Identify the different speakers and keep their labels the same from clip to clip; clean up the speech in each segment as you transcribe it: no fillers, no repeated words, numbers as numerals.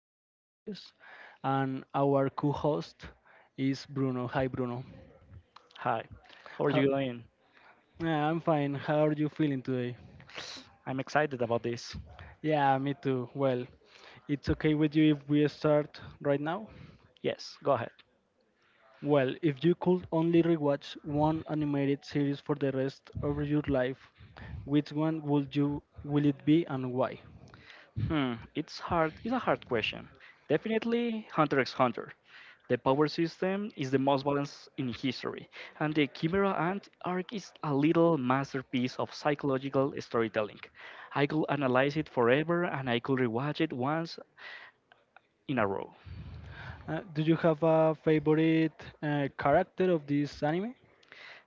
Speaker 1: animated series and our co-host is Bruno. Hi Bruno.
Speaker 2: Hi, how are
Speaker 1: How,
Speaker 2: you doing?
Speaker 1: yeah, I'm fine. How are you feeling today?
Speaker 2: I'm excited about this.
Speaker 1: Yeah, me too. Well, it's okay with you if we start right now?
Speaker 2: Yes, go ahead.
Speaker 1: Well, if you could only rewatch one animated series for the rest of your life, which one would you will it be and why?
Speaker 2: It's a hard question. Definitely Hunter x Hunter. The power system is the most balanced in history, and the Chimera Ant arc is a little masterpiece of psychological storytelling. I could analyze it forever, and I could rewatch it once in a row.
Speaker 1: Do you have a favorite character of this anime?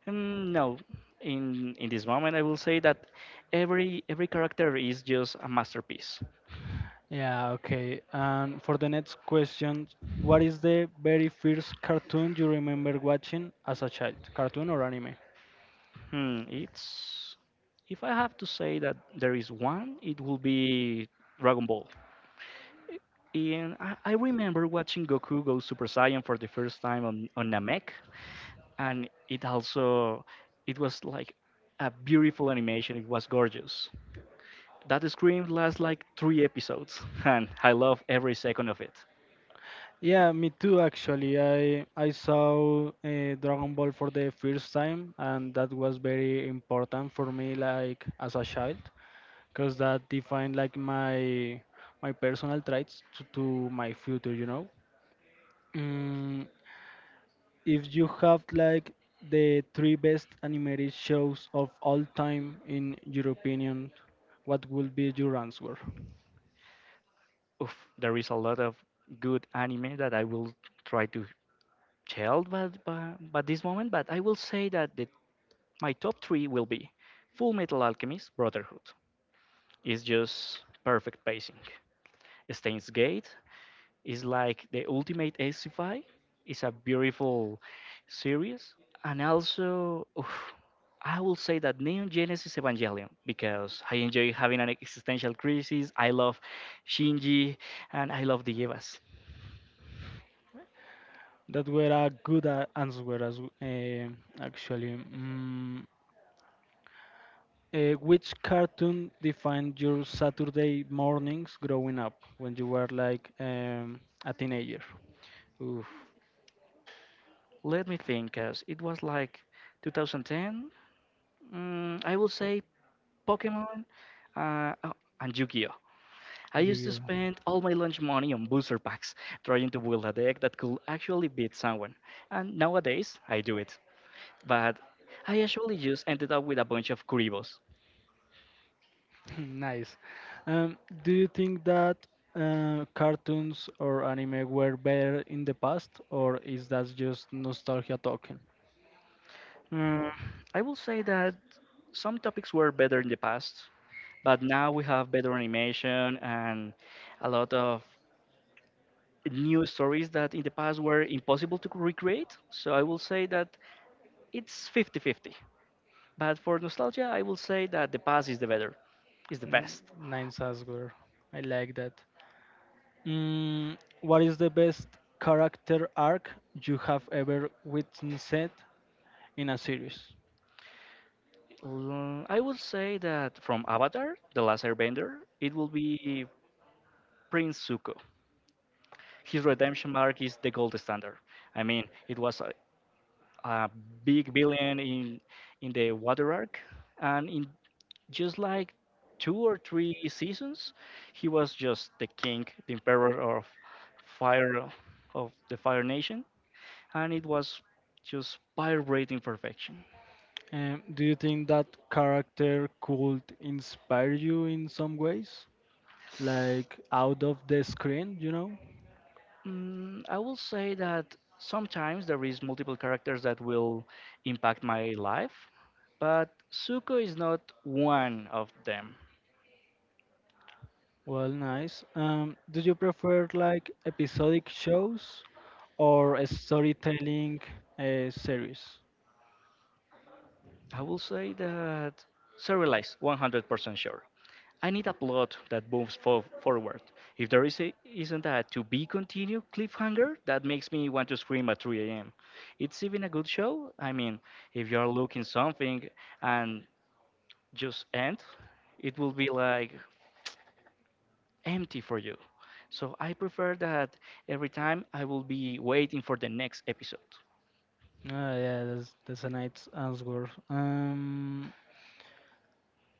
Speaker 2: Mm, no, in this moment, I will say that every character is just a masterpiece.
Speaker 1: Yeah, okay. And for the next question, what is the very first cartoon you remember watching as a child? Cartoon or anime?
Speaker 2: Hmm, it's If I have to say that there is one, it will be Dragon Ball. And I remember watching Goku go Super Saiyan for the first time on Namek, and it also it was like a beautiful animation. It was gorgeous. That scream lasts like three episodes, and I love every second of it.
Speaker 1: Yeah, me too actually. I saw Dragon Ball for the first time and that was very important for me like as a child because that defined like my personal traits to my future, you know. Mm, if you have like the three best animated shows of all time in your opinion, what will be your answer?
Speaker 2: There is a lot of good anime that I will try to tell, but this moment, but I will say that my top three will be Full Metal Alchemist Brotherhood. It's just perfect pacing. Stains Gate is like the ultimate sci-fi. It's a beautiful series, and also I will say that Neon Genesis Evangelion because I enjoy having an existential crisis. I love Shinji, and I love the Evas.
Speaker 1: That were a good answer as actually. Mm, which cartoon defined your Saturday mornings growing up when you were like a teenager?
Speaker 2: Oof. Let me think, as it was like 2010. Mm, I will say Pokemon, oh, and Yu-Gi-Oh. I used to
Speaker 1: Yu-Gi-Oh.
Speaker 2: spend all my lunch money on booster packs, trying to build a deck that could actually beat someone. And nowadays, I do it. But I actually just ended up with a bunch of Kuribos.
Speaker 1: Nice. Um, do you think that cartoons or anime were better in the past, or is that just nostalgia talking?
Speaker 2: Mm, I will say that some topics were better in the past, but now we have better animation and a lot of new stories that in the past were impossible to recreate. So I will say that it's 50 50. But for nostalgia, I will say that the past is the better, is the
Speaker 1: N-
Speaker 2: best.
Speaker 1: Nine Sasgor. I like that. Mm, what is the best character arc you have ever witnessed in a series?
Speaker 2: Mm, I will say that from Avatar, The Last Airbender, it will be Prince Zuko. His redemption arc is the gold standard. I mean, it was a big billion in the water arc, and in just like two or three seasons, he was just the king, the emperor of fire of the Fire Nation, and it was just vibrating perfection.
Speaker 1: Do you think that character could inspire you in some ways, like out of the screen, you know?
Speaker 2: Mm, I will say that sometimes there is multiple characters that will impact my life, but Suko is not one of them.
Speaker 1: Well, nice. Do you prefer like episodic shows or a storytelling series?
Speaker 2: I will say that serialized, 100% sure. I need a plot that moves forward. If there is a, isn't a to be continued cliffhanger, that makes me want to scream at 3 a.m. It's even a good show. I mean, if you're looking something and just end, it will be like empty for you. So I prefer that every time I will be waiting for the next episode.
Speaker 1: Ah, yeah, that's a nice answer.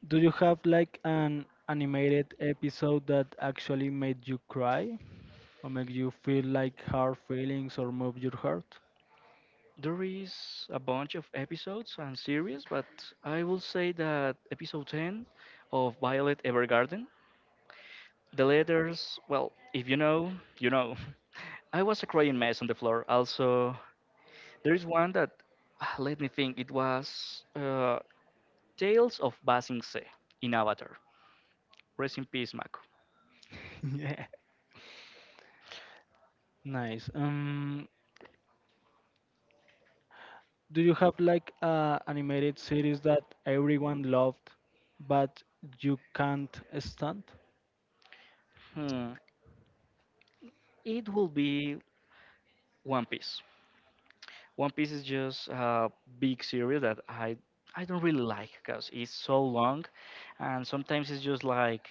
Speaker 1: Do you have like an animated episode that actually made you cry or make you feel like hard feelings or move your heart?
Speaker 2: There is a bunch of episodes and series, but I will say that episode 10 of Violet Evergarden, the letters, well, if you know, you know. I was a crying mess on the floor. Also, there is one that, ah, let me think, it was Tales of Basingse in Avatar. Rest in peace, Mako.
Speaker 1: Yeah. Nice. Do you have like a animated series that everyone loved but you can't stand?
Speaker 2: Hmm. It will be One Piece. One Piece is just a big series that I don't really like because it's so long, and sometimes it's just like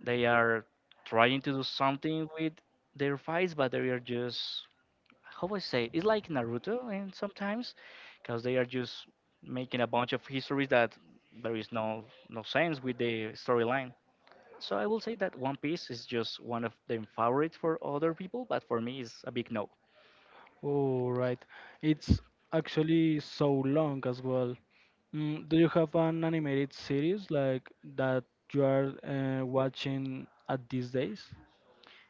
Speaker 2: they are trying to do something with their fights, but they are just how I say it? It's like Naruto, and sometimes because they are just making a bunch of histories that there is no sense with the storyline. So I will say that One Piece is just one of them favorite for other people, but for me, it's a big no.
Speaker 1: Oh, right. It's actually so long as well. Mm, do you have an animated series like that you are watching at these days?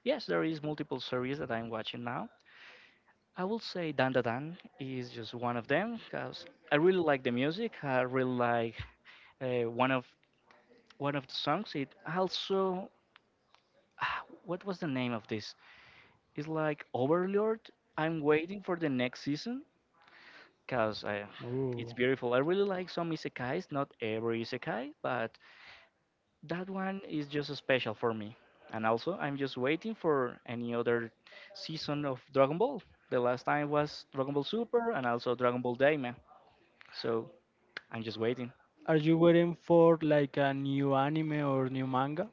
Speaker 2: Yes, there is multiple series that I'm watching now. I will say Dan Da Dan is just one of them because I really like the music. I really like uh, one of one of the songs. It also ah, what was the name of this? It's like Overlord. I'm waiting for the next season because it's
Speaker 1: Oh.
Speaker 2: beautiful. I really like some isekais, not every isekai, but that one is just special for me. And also, I'm just waiting for any other season of Dragon Ball. The last time was Dragon Ball Super and also Dragon Ball Daima. So I'm just waiting.
Speaker 1: Are you waiting for like a new anime or new manga?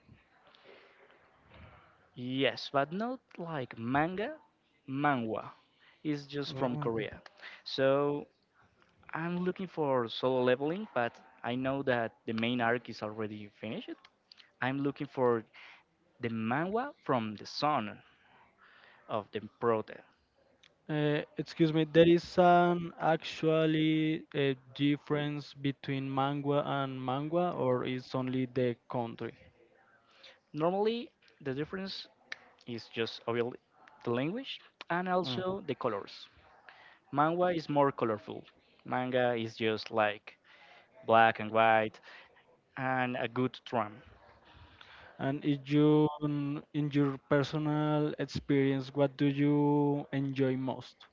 Speaker 2: Yes, but not like manga, manhwa. It's just from
Speaker 1: Oh.
Speaker 2: Korea. So I'm looking for solo leveling, but I know that the main arc is already finished. I'm looking for the manhwa from the son of the prota.
Speaker 1: Excuse me, there is an actually a difference between mangua and mangua, or it's only the country?
Speaker 2: Normally, the difference is just obviously the language and
Speaker 1: Mm.
Speaker 2: also the colors. Manhwa is more colorful. Manga is just like black and white and a good trama.
Speaker 1: And if you, mm, in your personal experience, what do you enjoy most?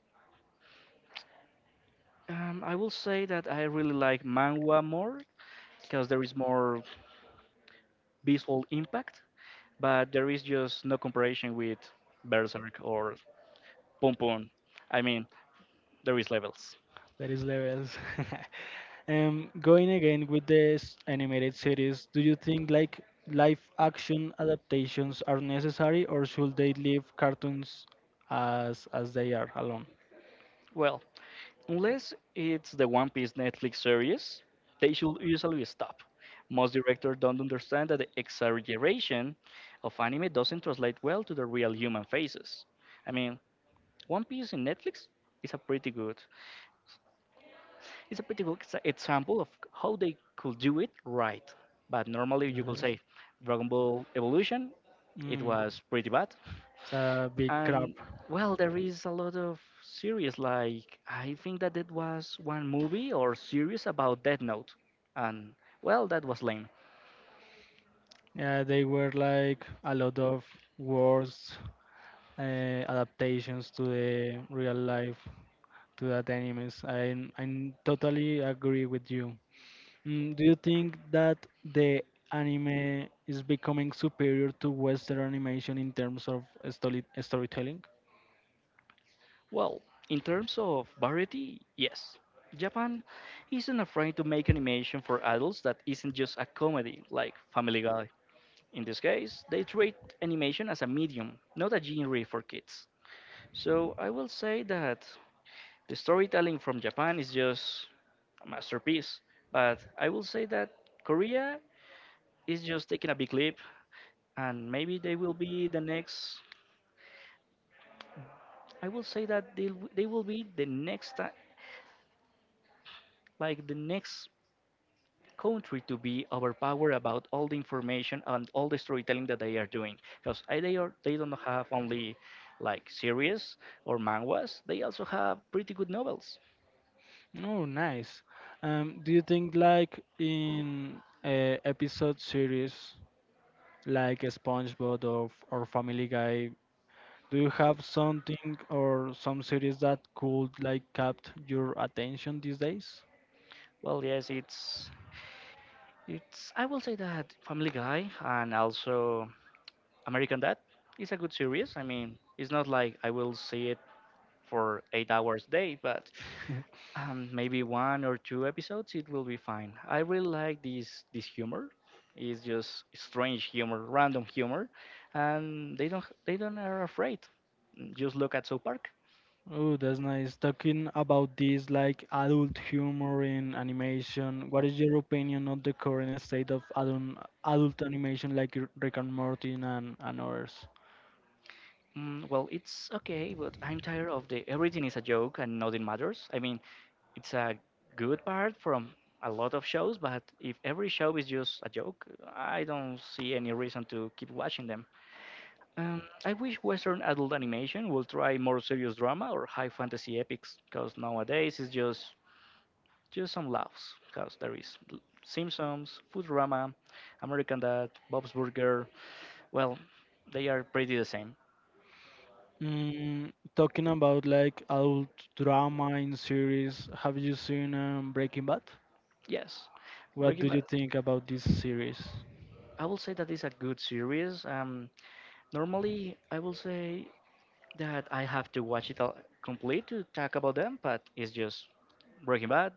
Speaker 2: I will say that I really like manhwa more because there is more visual impact, but there is just no comparison with Berserk or Pum Pum. I mean, there is levels.
Speaker 1: That is levels. Going again with this animated series, do you think like live action adaptations are necessary, or should they leave cartoons as they are alone?
Speaker 2: Well, unless it's the One Piece Netflix series, they should usually stop. Most directors don't understand that the exaggeration of anime doesn't translate well to the real human faces. I mean, One Piece in Netflix is a pretty good. It's a pretty good example of how they could do it right. But normally you could
Speaker 1: it
Speaker 2: say Dragon Ball Evolution, it was pretty bad.
Speaker 1: It's a big crap.
Speaker 2: And well, there is a lot of series. Like I think that it was one movie or series about Death Note, and well, that was lame.
Speaker 1: Yeah, they were like a lot of words adaptations to the real life to that animes. I totally agree with you. Mm, do you think that the anime is becoming superior to Western animation in terms of storytelling?
Speaker 2: Well, in terms of variety, yes, Japan isn't afraid to make animation for adults that isn't just a comedy like Family Guy. In this case, they treat animation as a medium, not a genre for kids. So I will say that the storytelling from Japan is just a masterpiece, but I will say that Korea is just taking a big leap, and maybe they will be the next. I will say that they will be the next like the next country to be overpowered about all the information and all the storytelling that they are doing because they don't have only like series or manhwas. They also have pretty good novels.
Speaker 1: Oh, nice. Do you think like in episode series like SpongeBob or Family Guy? Do you have something or some series that could like capt your attention these days?
Speaker 2: Well, yes, it's I will say that Family Guy and also American Dad is a good series. I mean, it's not like I will see it for 8 hours a day, but maybe one or two episodes, it will be fine. I really like this humor. It's just strange humor, random humor, and they don't are afraid. Just look at South Park.
Speaker 1: Oh, that's nice. Talking about this like adult humor in animation, what is your opinion of the current state of adult animation like Rick and Morty and others?
Speaker 2: Well, it's okay, but I'm tired of the everything is a joke and nothing matters. I mean, it's a good part from a lot of shows, but if every show is just a joke, I don't see any reason to keep watching them. I wish Western adult animation will try more serious drama or high fantasy epics, because nowadays it's just some laughs, because there is Simpsons, Futurama, American Dad, Bob's Burger. Well, they are pretty the same.
Speaker 1: Mm, talking about like adult drama in series, have you seen Breaking Bad?
Speaker 2: Yes,
Speaker 1: What
Speaker 2: Breaking
Speaker 1: do you
Speaker 2: Bad.
Speaker 1: think about this series?
Speaker 2: I will say that it's a good series. Normally I will say that I have to watch it all complete to talk about them, but it's just Breaking Bad.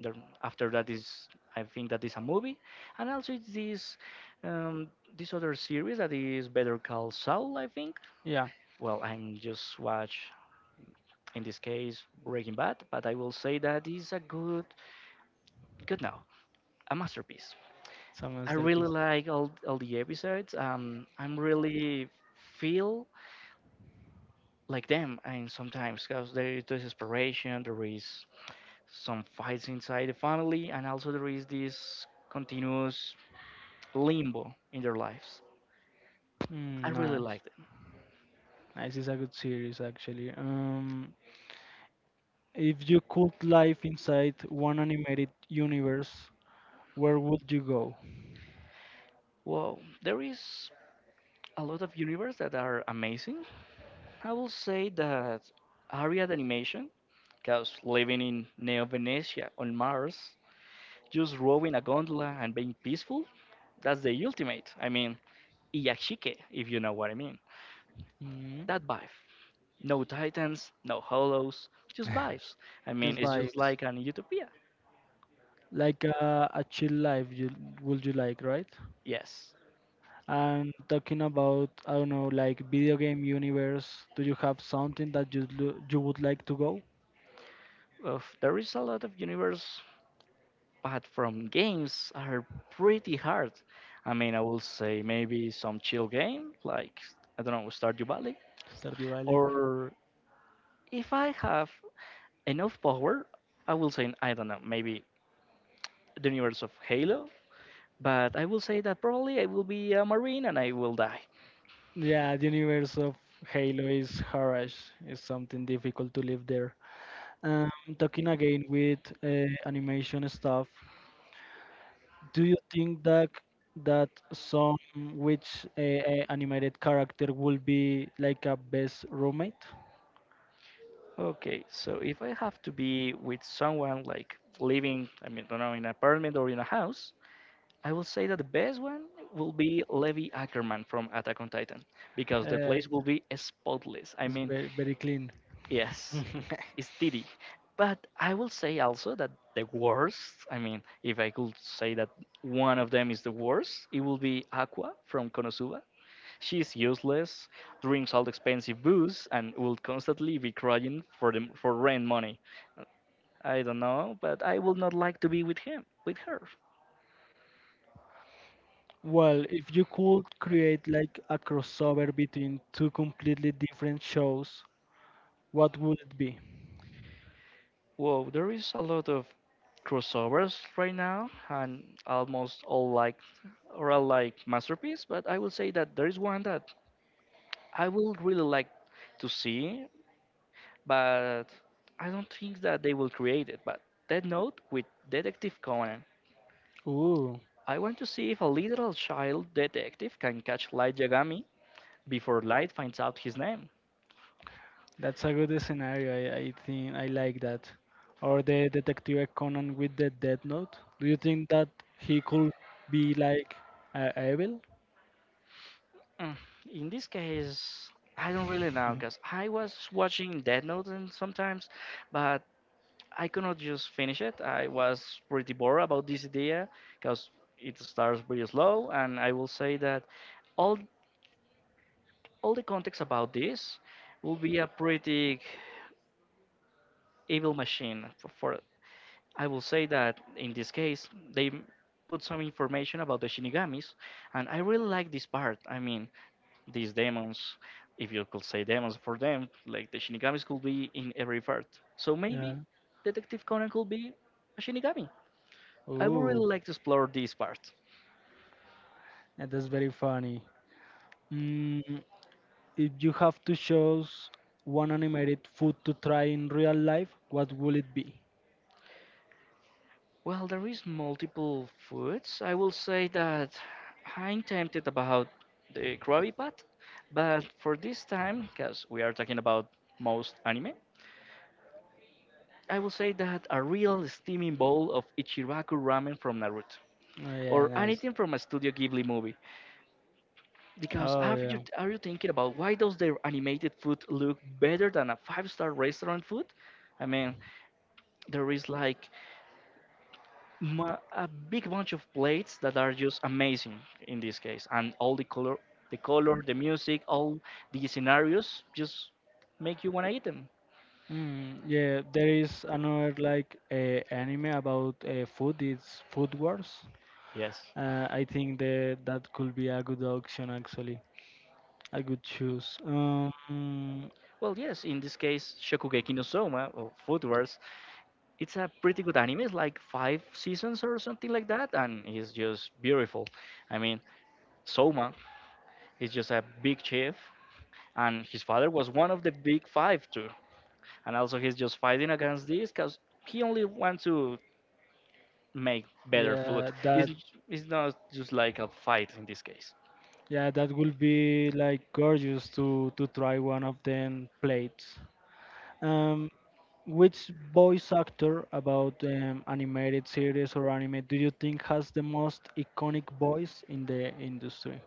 Speaker 2: There, after that is I think that is a movie, and also it's this um, this other series that is Better Call Saul. I think.
Speaker 1: Yeah,
Speaker 2: Well, I'm just watch in this case Breaking Bad, but I will say that is a good now a masterpiece. I
Speaker 1: someone's there,
Speaker 2: really
Speaker 1: please.
Speaker 2: like all the episodes. I'm really feel like them, and sometimes because there is desperation, there is some fights inside the family, and also there is this continuous limbo in their lives. I
Speaker 1: Mm,
Speaker 2: really
Speaker 1: nice.
Speaker 2: like them.
Speaker 1: Nice is a good series, actually. If you could live inside one animated universe, where would you go?
Speaker 2: Wow, there is a lot of universe that are amazing. I will say that area animation, because living in Neo Venetia on Mars, just rowing a gondola and being peaceful, that's the ultimate. I mean, Iyashike, if you know what I mean.
Speaker 1: Hmm.
Speaker 2: That vibe. No titans, no hollows, just vibes. I mean,
Speaker 1: Just
Speaker 2: it's
Speaker 1: vibes,
Speaker 2: just like an utopia.
Speaker 1: like a chill life. You would you like, right?
Speaker 2: Yes.
Speaker 1: And talking about, I don't know, like video game universe. Do you have something that you you would like to go?
Speaker 2: Of there is a lot of universe. But from games are pretty hard. I mean, I will say maybe some chill game, like, I don't know, Stardew Valley.
Speaker 1: Stardew Valley.
Speaker 2: Or if I have enough power, I will say, I don't know, maybe the universe of Halo. But I will say that probably I will be a Marine and I will die.
Speaker 1: Yeah, the universe of Halo is harsh. It's something difficult to live there. Um, talking again with animation stuff, do you think that that some which animated character will be like a best roommate?
Speaker 2: Okay, so if I have to be with someone, like living, I mean, don't know, in an apartment or in a house, I will say that the best one will be Levi Ackerman from Attack on Titan because the
Speaker 1: Uh,
Speaker 2: place will be spotless. I
Speaker 1: it's
Speaker 2: mean,
Speaker 1: very clean.
Speaker 2: yes, it's titty. But I will say also that the worst, I mean, if I could say that one of them is the worst, it will be Aqua from Konosuba. She's useless, drinks all the expensive booze, and will constantly be crying for the, for rent money. I don't know, but I would not like to be with her.
Speaker 1: Well, if you could create like a crossover between two completely different shows, what would it be?
Speaker 2: Whoa, there is a lot of crossovers right now, and almost all like or all like masterpiece. But I will say that there is one that I will really like to see, but I don't think that they will create it. But Dead Note with Detective Conan.
Speaker 1: Ooh.
Speaker 2: I want to see if a literal child detective can catch Light Yagami before Light finds out his name.
Speaker 1: That's a good scenario. I think I like that. Or the detective Conan with the Death Note. Do you think that he could be like evil?
Speaker 2: Mm, In this case, I don't really know because I was watching Dead Note and sometimes, but I could not just finish it. I was pretty bored about this idea because it starts pretty slow, and I will say that all all the context about this will be a pretty evil machine. For I will say that in this case put some information about the shinigamis, and I really like this part. I mean, these demons, if you could say demons for them, like the shinigamis could be in every part. So
Speaker 1: Yeah.
Speaker 2: maybe Detective Conan could be a shinigami. I would
Speaker 1: Ooh,
Speaker 2: really like to explore this part.
Speaker 1: and that's very funny. Mm, if you have to choose one animated food to try in real life, what will it be?
Speaker 2: Well, there is multiple foods. I will say that I'm tempted about the Krabby Pat, but for this time, because we are talking about most anime, I will say that a real steaming bowl of Ichiraku ramen from Naruto,
Speaker 1: Oh, yeah,
Speaker 2: or
Speaker 1: nice.
Speaker 2: anything from a Studio Ghibli movie. Because
Speaker 1: Oh,
Speaker 2: are you
Speaker 1: yeah.
Speaker 2: are you thinking about why does their animated food look better than a five-star restaurant food? I mean, there is like a big bunch of plates that are just amazing in this case and all the color the color the music all the scenarios just make you want to eat them.
Speaker 1: Mm, yeah, there is another like anime about food. It's Food Wars.
Speaker 2: Yes.
Speaker 1: I think that that could be a good option actually. I could choose.
Speaker 2: Well, yes, in this case, Shokugeki no Soma or Food Wars, it's a pretty good anime. It's like five seasons or something like that, and it's just beautiful. I mean, Soma is just a big chef, and his father was one of the big five too. And also, he's just fighting against this because he only wants to make better food.
Speaker 1: Yeah, that
Speaker 2: It's, it's not just like a fight in this case.
Speaker 1: yeah, that would be like gorgeous to try one of them plates. Um, which voice actor about animated series or anime do you think has the most iconic voice in the industry?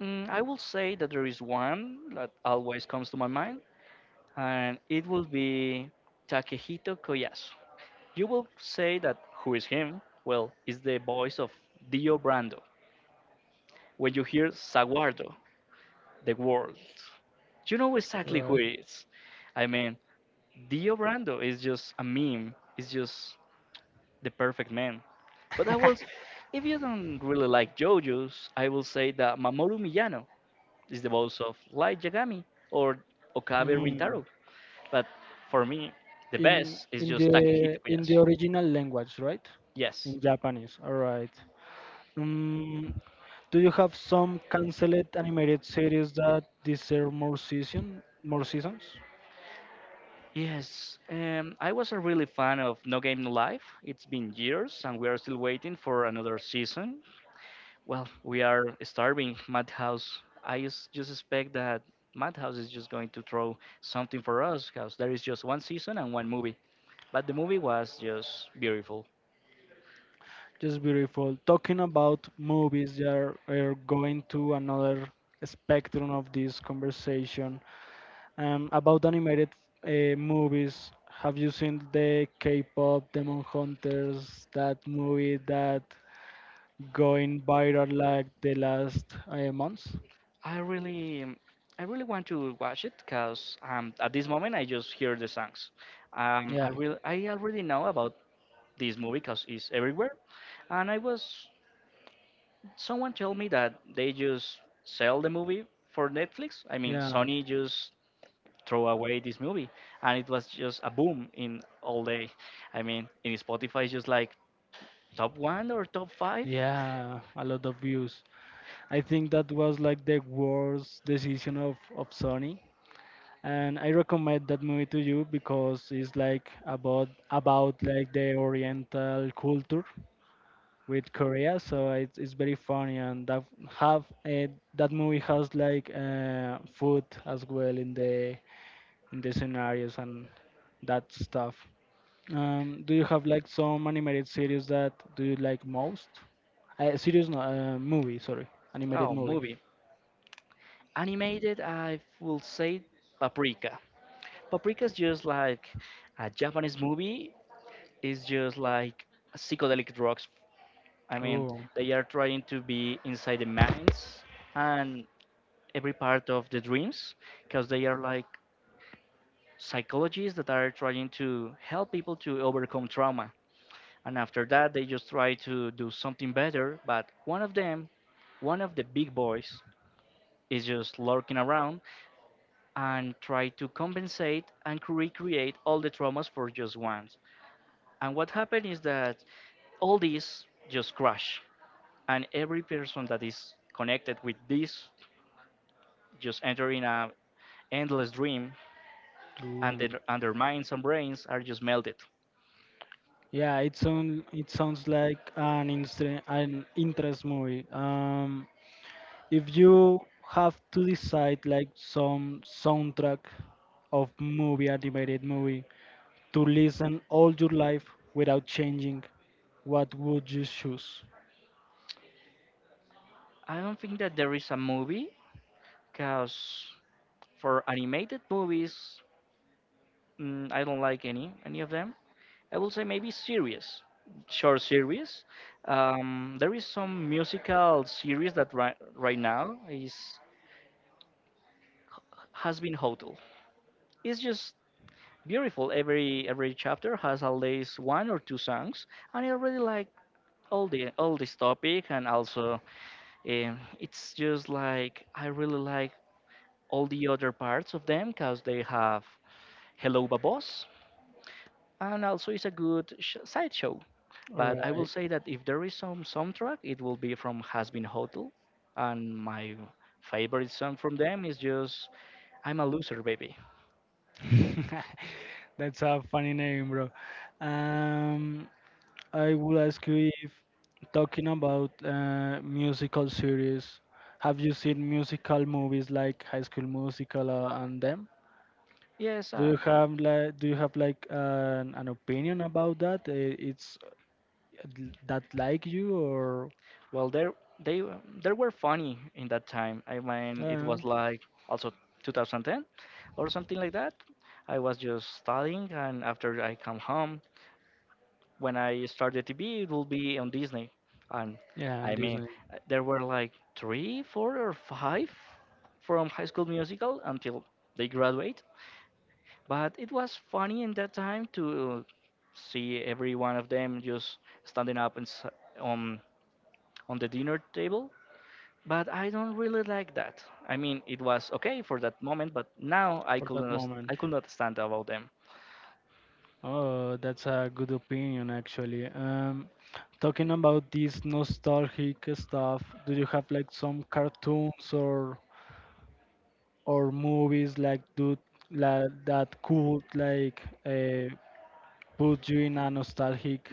Speaker 2: I will say that there is one that always comes to my mind, and it will be Takehito Koyasu. You will say that who is him? Well, it's the voice of Dio Brando. When you hear Saguardo, the world, you know exactly who
Speaker 1: Right.
Speaker 2: it is. I mean, Dio Brando is just a meme, it's just the perfect man. But if you don't really like JoJo's, I will say that Mamoru Miyano is the boss of Light Yagami or Okabe
Speaker 1: Mm.
Speaker 2: Rintaro. But for me, the
Speaker 1: in
Speaker 2: best is
Speaker 1: in
Speaker 2: just
Speaker 1: the
Speaker 2: Takehito
Speaker 1: in the
Speaker 2: Koyasu.
Speaker 1: original language, right? In
Speaker 2: Yes.
Speaker 1: Japanese. All right. Um, do you have some canceled animated series that deserve more seasons?
Speaker 2: Yes. I was a really fan of No Game No Life. It's been years and we are still waiting for another season. Well, we are starving Madhouse. Just expect that Madhouse is just going to throw something for us because there is just one season and one movie. But the movie was just beautiful.
Speaker 1: Just beautiful. Talking about movies, they are going to another spectrum of this conversation. About animated movies, have you seen the K-pop Demon Hunters? That movie that going viral like the last months.
Speaker 2: I really, I really want to watch it because at this moment I just hear the songs.
Speaker 1: Yeah.
Speaker 2: I already know about this movie because it's everywhere, and I was someone told me that they just sell the movie for Netflix. I mean,
Speaker 1: Yeah.
Speaker 2: Sony just throw away this movie, and it was just a boom in all day. I mean, in Spotify, it's just like top one or top five.
Speaker 1: Yeah, a lot of views. I think that was like the worst decision of Sony. And I recommend that movie to you because it's like about like the Oriental culture with Korea, so it's very funny and that have that movie has like food as well in the scenarios and that stuff. Do you have like some animated series that do you like most? Series, no, movie, sorry, animated
Speaker 2: Oh,
Speaker 1: movie.
Speaker 2: movie. Animated, I will say Paprika. Paprika is just like a Japanese movie. It's just like psychedelic drugs. I mean,
Speaker 1: Oh,
Speaker 2: they are trying to be inside the minds and every part of the dreams, because they are like psychologists that are trying to help people to overcome trauma. And after that, they just try to do something better. But one of them, one of the big boys, is just lurking around and try to compensate and recreate all the traumas for just once. And what happened is that all these just crash, and every person that is connected with this just enter in a endless dream, and
Speaker 1: ooh.
Speaker 2: and their minds and brains are just melted.
Speaker 1: Yeah, it sounds like an an interest movie. If you have to decide like some soundtrack of movie, animated movie, to listen all your life without changing, what would you choose?
Speaker 2: I don't think that there is a movie, cause for animated movies, I don't like any of them. I will say maybe series, short series. There is some musical series that right now is has been hotel. It's just beautiful. Every chapter has at least one or two songs, and I really like all this topic. And also, it's just like I really like all the other parts of them because they have Hello Babos, and also it's a good sideshow.
Speaker 1: All
Speaker 2: But I will
Speaker 1: right.
Speaker 2: say that if there is some soundtrack, it will be from Has Been Hotel, and my favorite song from them is just "I'm a Loser, Baby."
Speaker 1: That's a funny name, bro. Um, I will ask you if talking about musical series, have you seen musical movies like High School Musical and them?
Speaker 2: Yes,
Speaker 1: Do you have like an opinion about that? It's that like you or
Speaker 2: well, they were funny in that time. I mean, it
Speaker 1: uh,
Speaker 2: was like also 2010 or something like that. I was just studying, and after I come home, when I started TV, it will be on Disney. And
Speaker 1: yeah, and
Speaker 2: I mean,
Speaker 1: Disney
Speaker 2: there were like three, four, or five from High School Musical until they graduate. But it was funny in that time to see every one of them just standing up and on on the dinner table. But I don't really like that. I mean, it was okay for that moment, but now
Speaker 1: for that moment.
Speaker 2: I could not stand about them.
Speaker 1: Oh, that's a good opinion actually. Talking about this nostalgic stuff, do you have like some cartoons or movies like do like that could like put you in a nostalgic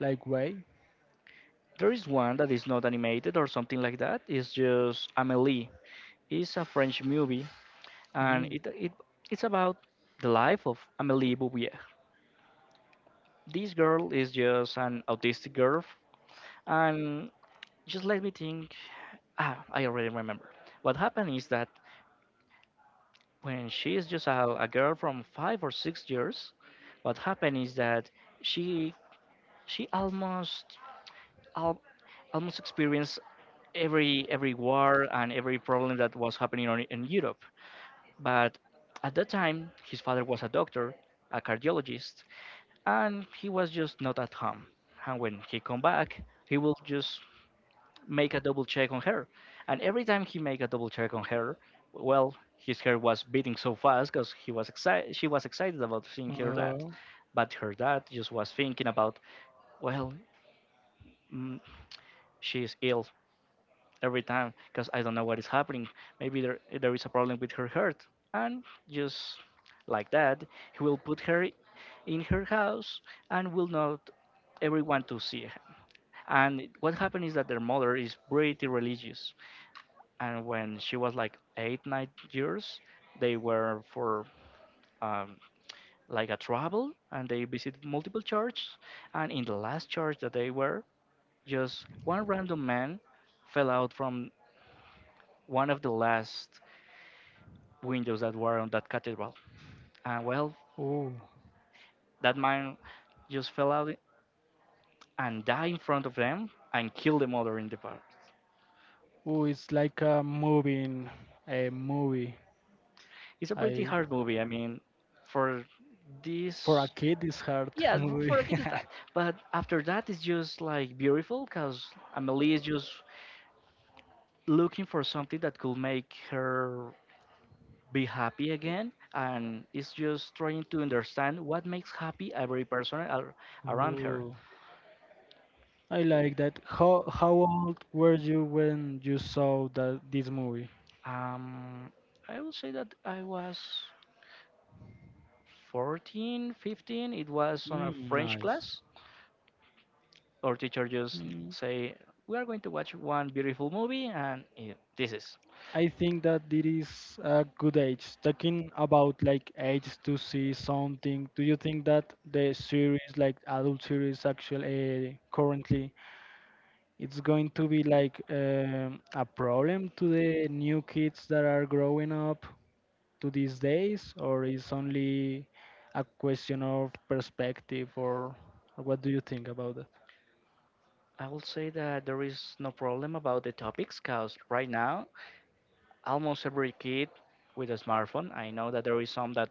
Speaker 1: like way.
Speaker 2: There is one that is not animated or something like that. It's just Amelie. It's a French movie, and
Speaker 1: Mm.
Speaker 2: it it's about the life of Amélie Bouvier. This girl is just an autistic girl, and just let me think. Ah, I already remember. What happened is that when she is just a girl from 5 or 6 years, what happened is that she she al, almost experienced every war and every problem that was happening in Europe. But at that time, his father was a doctor, a cardiologist, and he was just not at home. And when he come back, he will just make a double check on her. And every time he make a double check on her, well, his hair was beating so fast because he was excited. She was excited about seeing her dad,
Speaker 1: Uh,
Speaker 2: but her dad just was thinking about, well, mm, she is ill. Every time because I don't know what is happening. Maybe there is a problem with her heart, and just like that, he will put her in her house and will not everyone to see her. And what happened is that their mother is pretty religious, and when she was like eight, 9 years, they were for um, like a travel, and they visited multiple churches. And in the last church that they were, just one random man fell out from one of the last windows that were on that cathedral. And well,
Speaker 1: oh,
Speaker 2: that man just fell out and died in front of them and killed the mother in the park.
Speaker 1: oh, it's like a moving a movie.
Speaker 2: It's a pretty
Speaker 1: I
Speaker 2: hard movie. I mean, for
Speaker 1: for a
Speaker 2: this,
Speaker 1: kid it's hard
Speaker 2: yeah,
Speaker 1: movie.
Speaker 2: for a kid it's that. But after that, it's just like beautiful because Amelie is just looking for something that could make her be happy again and is just trying to understand what makes happy every person around her.
Speaker 1: Ooh, I like that. How old were you when you saw that this movie?
Speaker 2: Um i would say that I was 14, 15, it was on a
Speaker 1: Mm,
Speaker 2: French
Speaker 1: nice.
Speaker 2: class. Our teacher just
Speaker 1: Mm.
Speaker 2: say, "We are going to watch one beautiful movie, and eh, this is."
Speaker 1: I think that it is a good age. Talking about like age to see something, do you think that the series, like adult series, actually currently, it's going to be like a problem to the new kids that are growing up to these days, or is only a question of perspective, or what do you think about that?
Speaker 2: I will say that there is no problem about the topics, cause right now almost every kid with a smartphone. I know that there is some that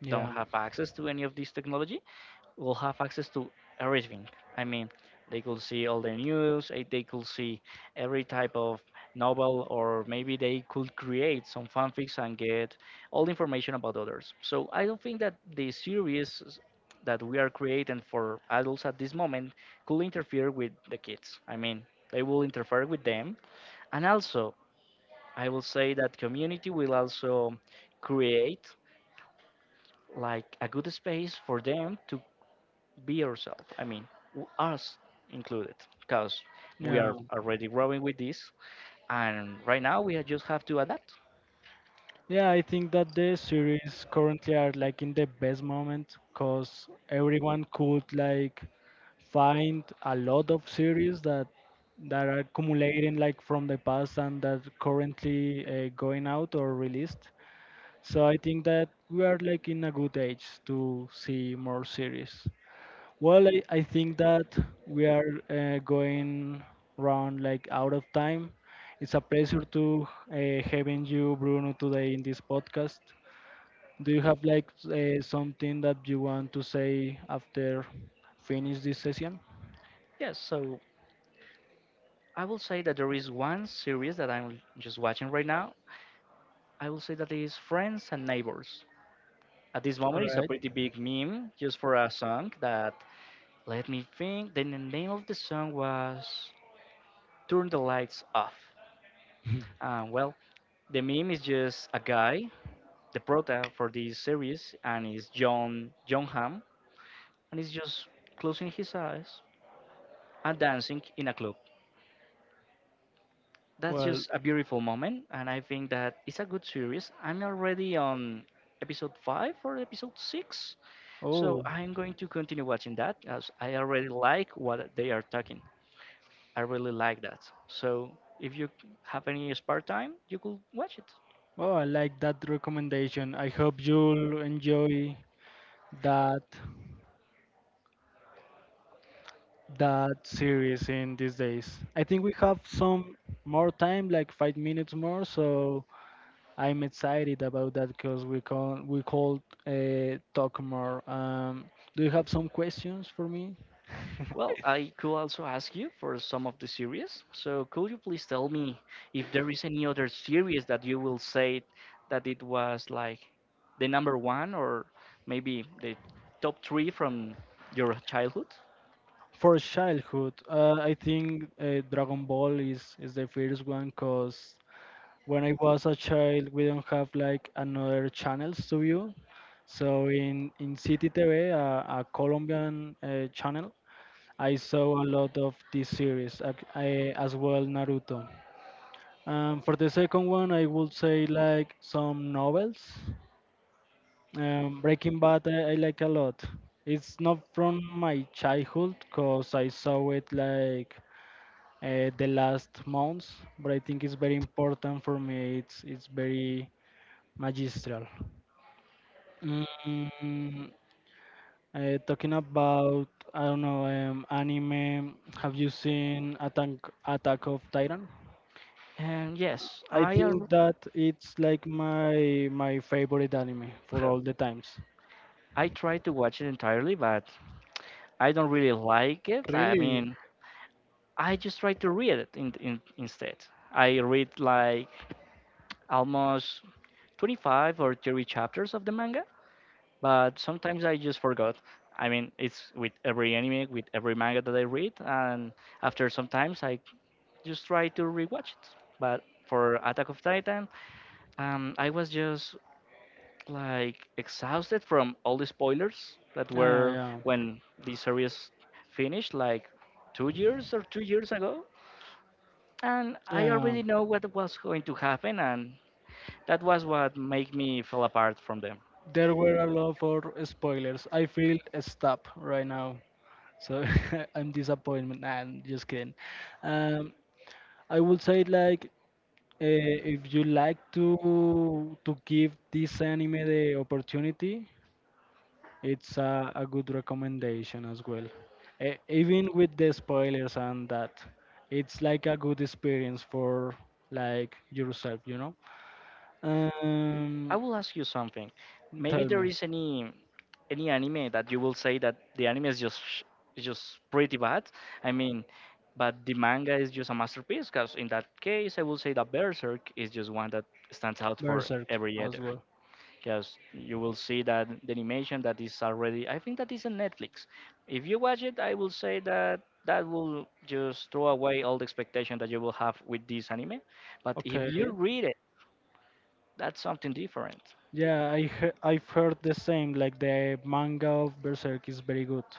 Speaker 1: Yeah.
Speaker 2: don't have access to any of this technology, will have access to everything. I mean, they could see all the news, they could see every type of novel, or maybe they could create some fanfics and get all the information about others. So I don't think that the series that we are creating for adults at this moment could interfere with the kids. I mean, they will interfere with them. And also, I will say that community will also create like a good space for them to be yourself. I mean, us included, because we
Speaker 1: Yeah.
Speaker 2: are already growing with this, and right now we just have to adapt.
Speaker 1: Yeah, I think that the series currently are like in the best moment because everyone could like find a lot of series that that are accumulating like from the past and that currently going out or released. So I think that we are like in a good age to see more series. Well, I think that we are going round like out of time. It's a pleasure to having you, Bruno, today in this podcast. Do you have like something that you want to say after finish this session?
Speaker 2: Yes, so I will say that there is one series that I'm just watching right now. I will say that it is Friends and Neighbors. At this
Speaker 1: All
Speaker 2: moment, it's a
Speaker 1: right.
Speaker 2: pretty big meme just for a song that, let me think, then the name of the song was Turn the Lights Off. Well, the meme is just a guy, the prota for this series, and is John, and he's just closing his eyes and dancing in a club. That's
Speaker 1: Well,
Speaker 2: just a beautiful moment, and I think that it's a good series. I'm already on episode 5 or episode 6, so
Speaker 1: Oh,
Speaker 2: I'm going to continue watching that as I already like what they are talking. I really like that. So if you have any spare time, you could watch it.
Speaker 1: oh, I like that recommendation. I hope you'll enjoy that that series in these days. I think we have some more time, like 5 minutes more, so I'm excited about that because we can we call talk more. Do you have some questions for me?
Speaker 2: Well, I could also ask you for some of the series. So, could you please tell me if there is any other series that you will say that it was like the number one or maybe the top three from your childhood?
Speaker 1: For childhood, I think Dragon Ball is the first one because when I was a child, we don't have like another channels to view. So in City TV, a Colombian channel, I saw a lot of this series I, as well Naruto. For the second one, I would say like some novels. Breaking Bad I like a lot. It's not from my childhood because I saw it like the last months, but I think it's very important for me. It's very magistral. Mm, talking about I don't know anime. Have you seen Attack of Titan?
Speaker 2: And yes,
Speaker 1: I think that it's like my favorite anime for all the times.
Speaker 2: I tried to watch it entirely, but I don't really like it. I
Speaker 1: Really?
Speaker 2: mean, I just try to read it instead. I read like almost 25 or 30 chapters of the manga, but sometimes I just forgot. I mean, it's with every anime, with every manga that I read, and after sometimes I just try to rewatch it. But for Attack of Titan, I was just like exhausted from all the spoilers that
Speaker 1: Yeah,
Speaker 2: were
Speaker 1: yeah,
Speaker 2: when the series finished, like 2 years or 3 years ago, and I
Speaker 1: yeah.
Speaker 2: already know what was going to happen, and that was what made me fall apart from them.
Speaker 1: There were a lot for spoilers. I feel stop right now, so I'm disappointed. Nah, I'm just kidding. Um, I would say like if you like to give this anime the opportunity, it's a good recommendation as well. Even with the spoilers and that, it's like a good experience for like yourself, you know.
Speaker 2: I
Speaker 1: Um,
Speaker 2: will ask you something. Maybe
Speaker 1: tell me,
Speaker 2: there is any anime that you will say that the anime is just is just pretty bad. I mean, but the manga is just a masterpiece. Because in that case, I will say that Berserk is just one that stands out for
Speaker 1: Berserk
Speaker 2: every
Speaker 1: as
Speaker 2: other.
Speaker 1: well.
Speaker 2: Because you will see that the animation that is already, I think that is on Netflix. If you watch it, I will say that that will just throw away all the expectation that you will have with this anime. But if
Speaker 1: Okay.
Speaker 2: you read it, that's something different.
Speaker 1: Yeah, I've heard the same. Like the manga of Berserk is very good,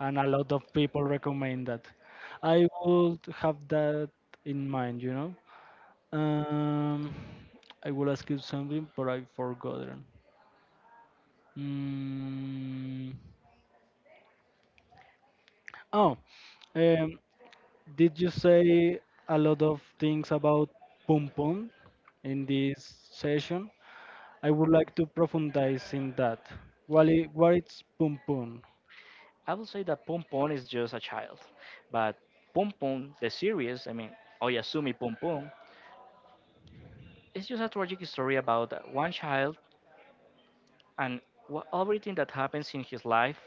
Speaker 1: and a lot of people recommend that. I would have that in mind, you know. Um, I will ask you something, but I've forgotten. Mm. Oh, um, did you say a lot of things about Pum Pum in this session? I would like to profundize in that. What is Pum Pum?
Speaker 2: I will say that Pom Pom is just a child, but Pom Pom, the series, I mean, Oyasumi Pom Pom, is just a tragic story about one child and everything that happens in his life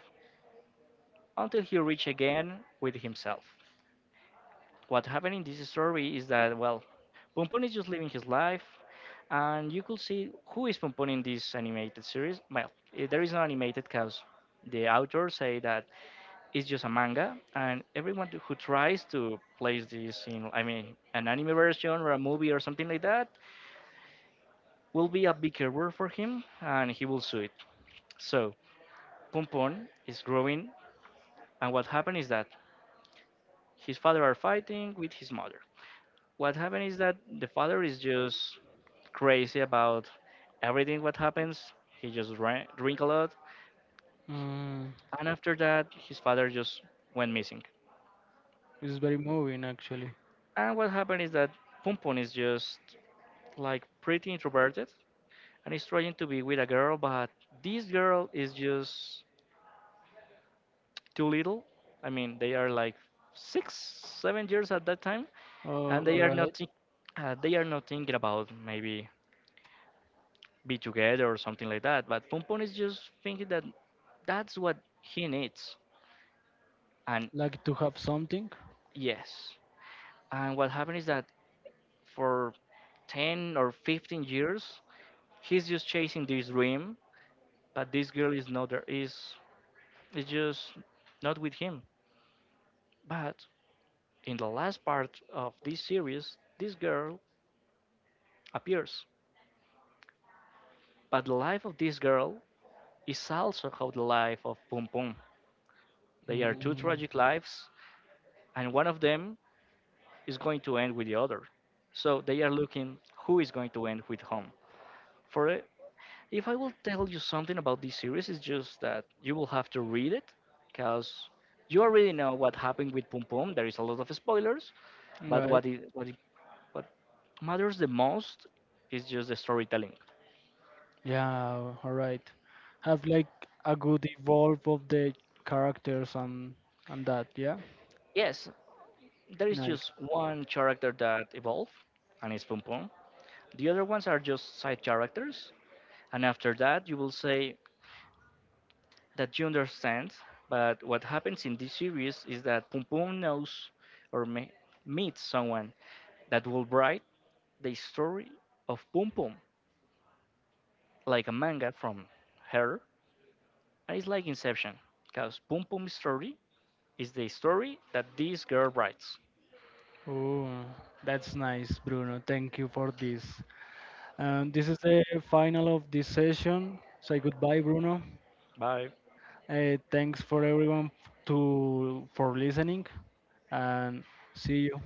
Speaker 2: until he reach again with himself. What happened in this story is that, well, Pom Pom is just living his life, and you could see who is Pom Pom in this animated series. Well, there is no animated because the author say that it's just a manga, and everyone who tries to place this in, I mean, an anime version or a movie or something like that, will be a big error for him, and he will sue it. So Pompon is growing, and what happened is that his father are fighting with his mother. What happened is that the father is just crazy about everything what happens. He just drink a lot,
Speaker 1: Mm,
Speaker 2: and after that, his father just went missing.
Speaker 1: it's very moving actually.
Speaker 2: And what happened is that Pompon is just like pretty introverted, and he's trying to be with a girl, but this girl is just too little. I mean, they are like six, 7 years at that time,
Speaker 1: Oh,
Speaker 2: and
Speaker 1: all right.
Speaker 2: they are not thinking about maybe be together or something like that. But Pompon is just thinking that that's what he needs, and
Speaker 1: Like to have something.
Speaker 2: yes. And what happened is that for 10 or 15 years, he's just chasing this dream, but this girl is not there. Is just not with him. But in the last part of this series, this girl appears. But the life of this girl is also how the life of Pum Pum. They are two
Speaker 1: Mm,
Speaker 2: tragic lives, and one of them is going to end with the other. So they are looking who is going to end with whom. For it, if I will tell you something about this series, it's just that you will have to read it, because you already know what happened with Pum Pum. There is a lot of spoilers, but
Speaker 1: right.
Speaker 2: what matters the most is just the storytelling.
Speaker 1: Yeah. All right. Have like a good evolve of the characters and that. Yeah.
Speaker 2: Yes, there is
Speaker 1: Nice.
Speaker 2: just one character that evolve, and it's Pom Pom. The other ones are just side characters, and after that, you will say that you understand. But what happens in this series is that Pom Pom knows or me meets someone that will write the story of Pom Pom like a manga from her, and it's like Inception, because Pom Pom's story is the story that this girl writes.
Speaker 1: Oh, that's nice, Bruno. Thank you for this. And this is the final of this session. Say goodbye, Bruno.
Speaker 2: Bye.
Speaker 1: Thanks for everyone to for listening, and see you.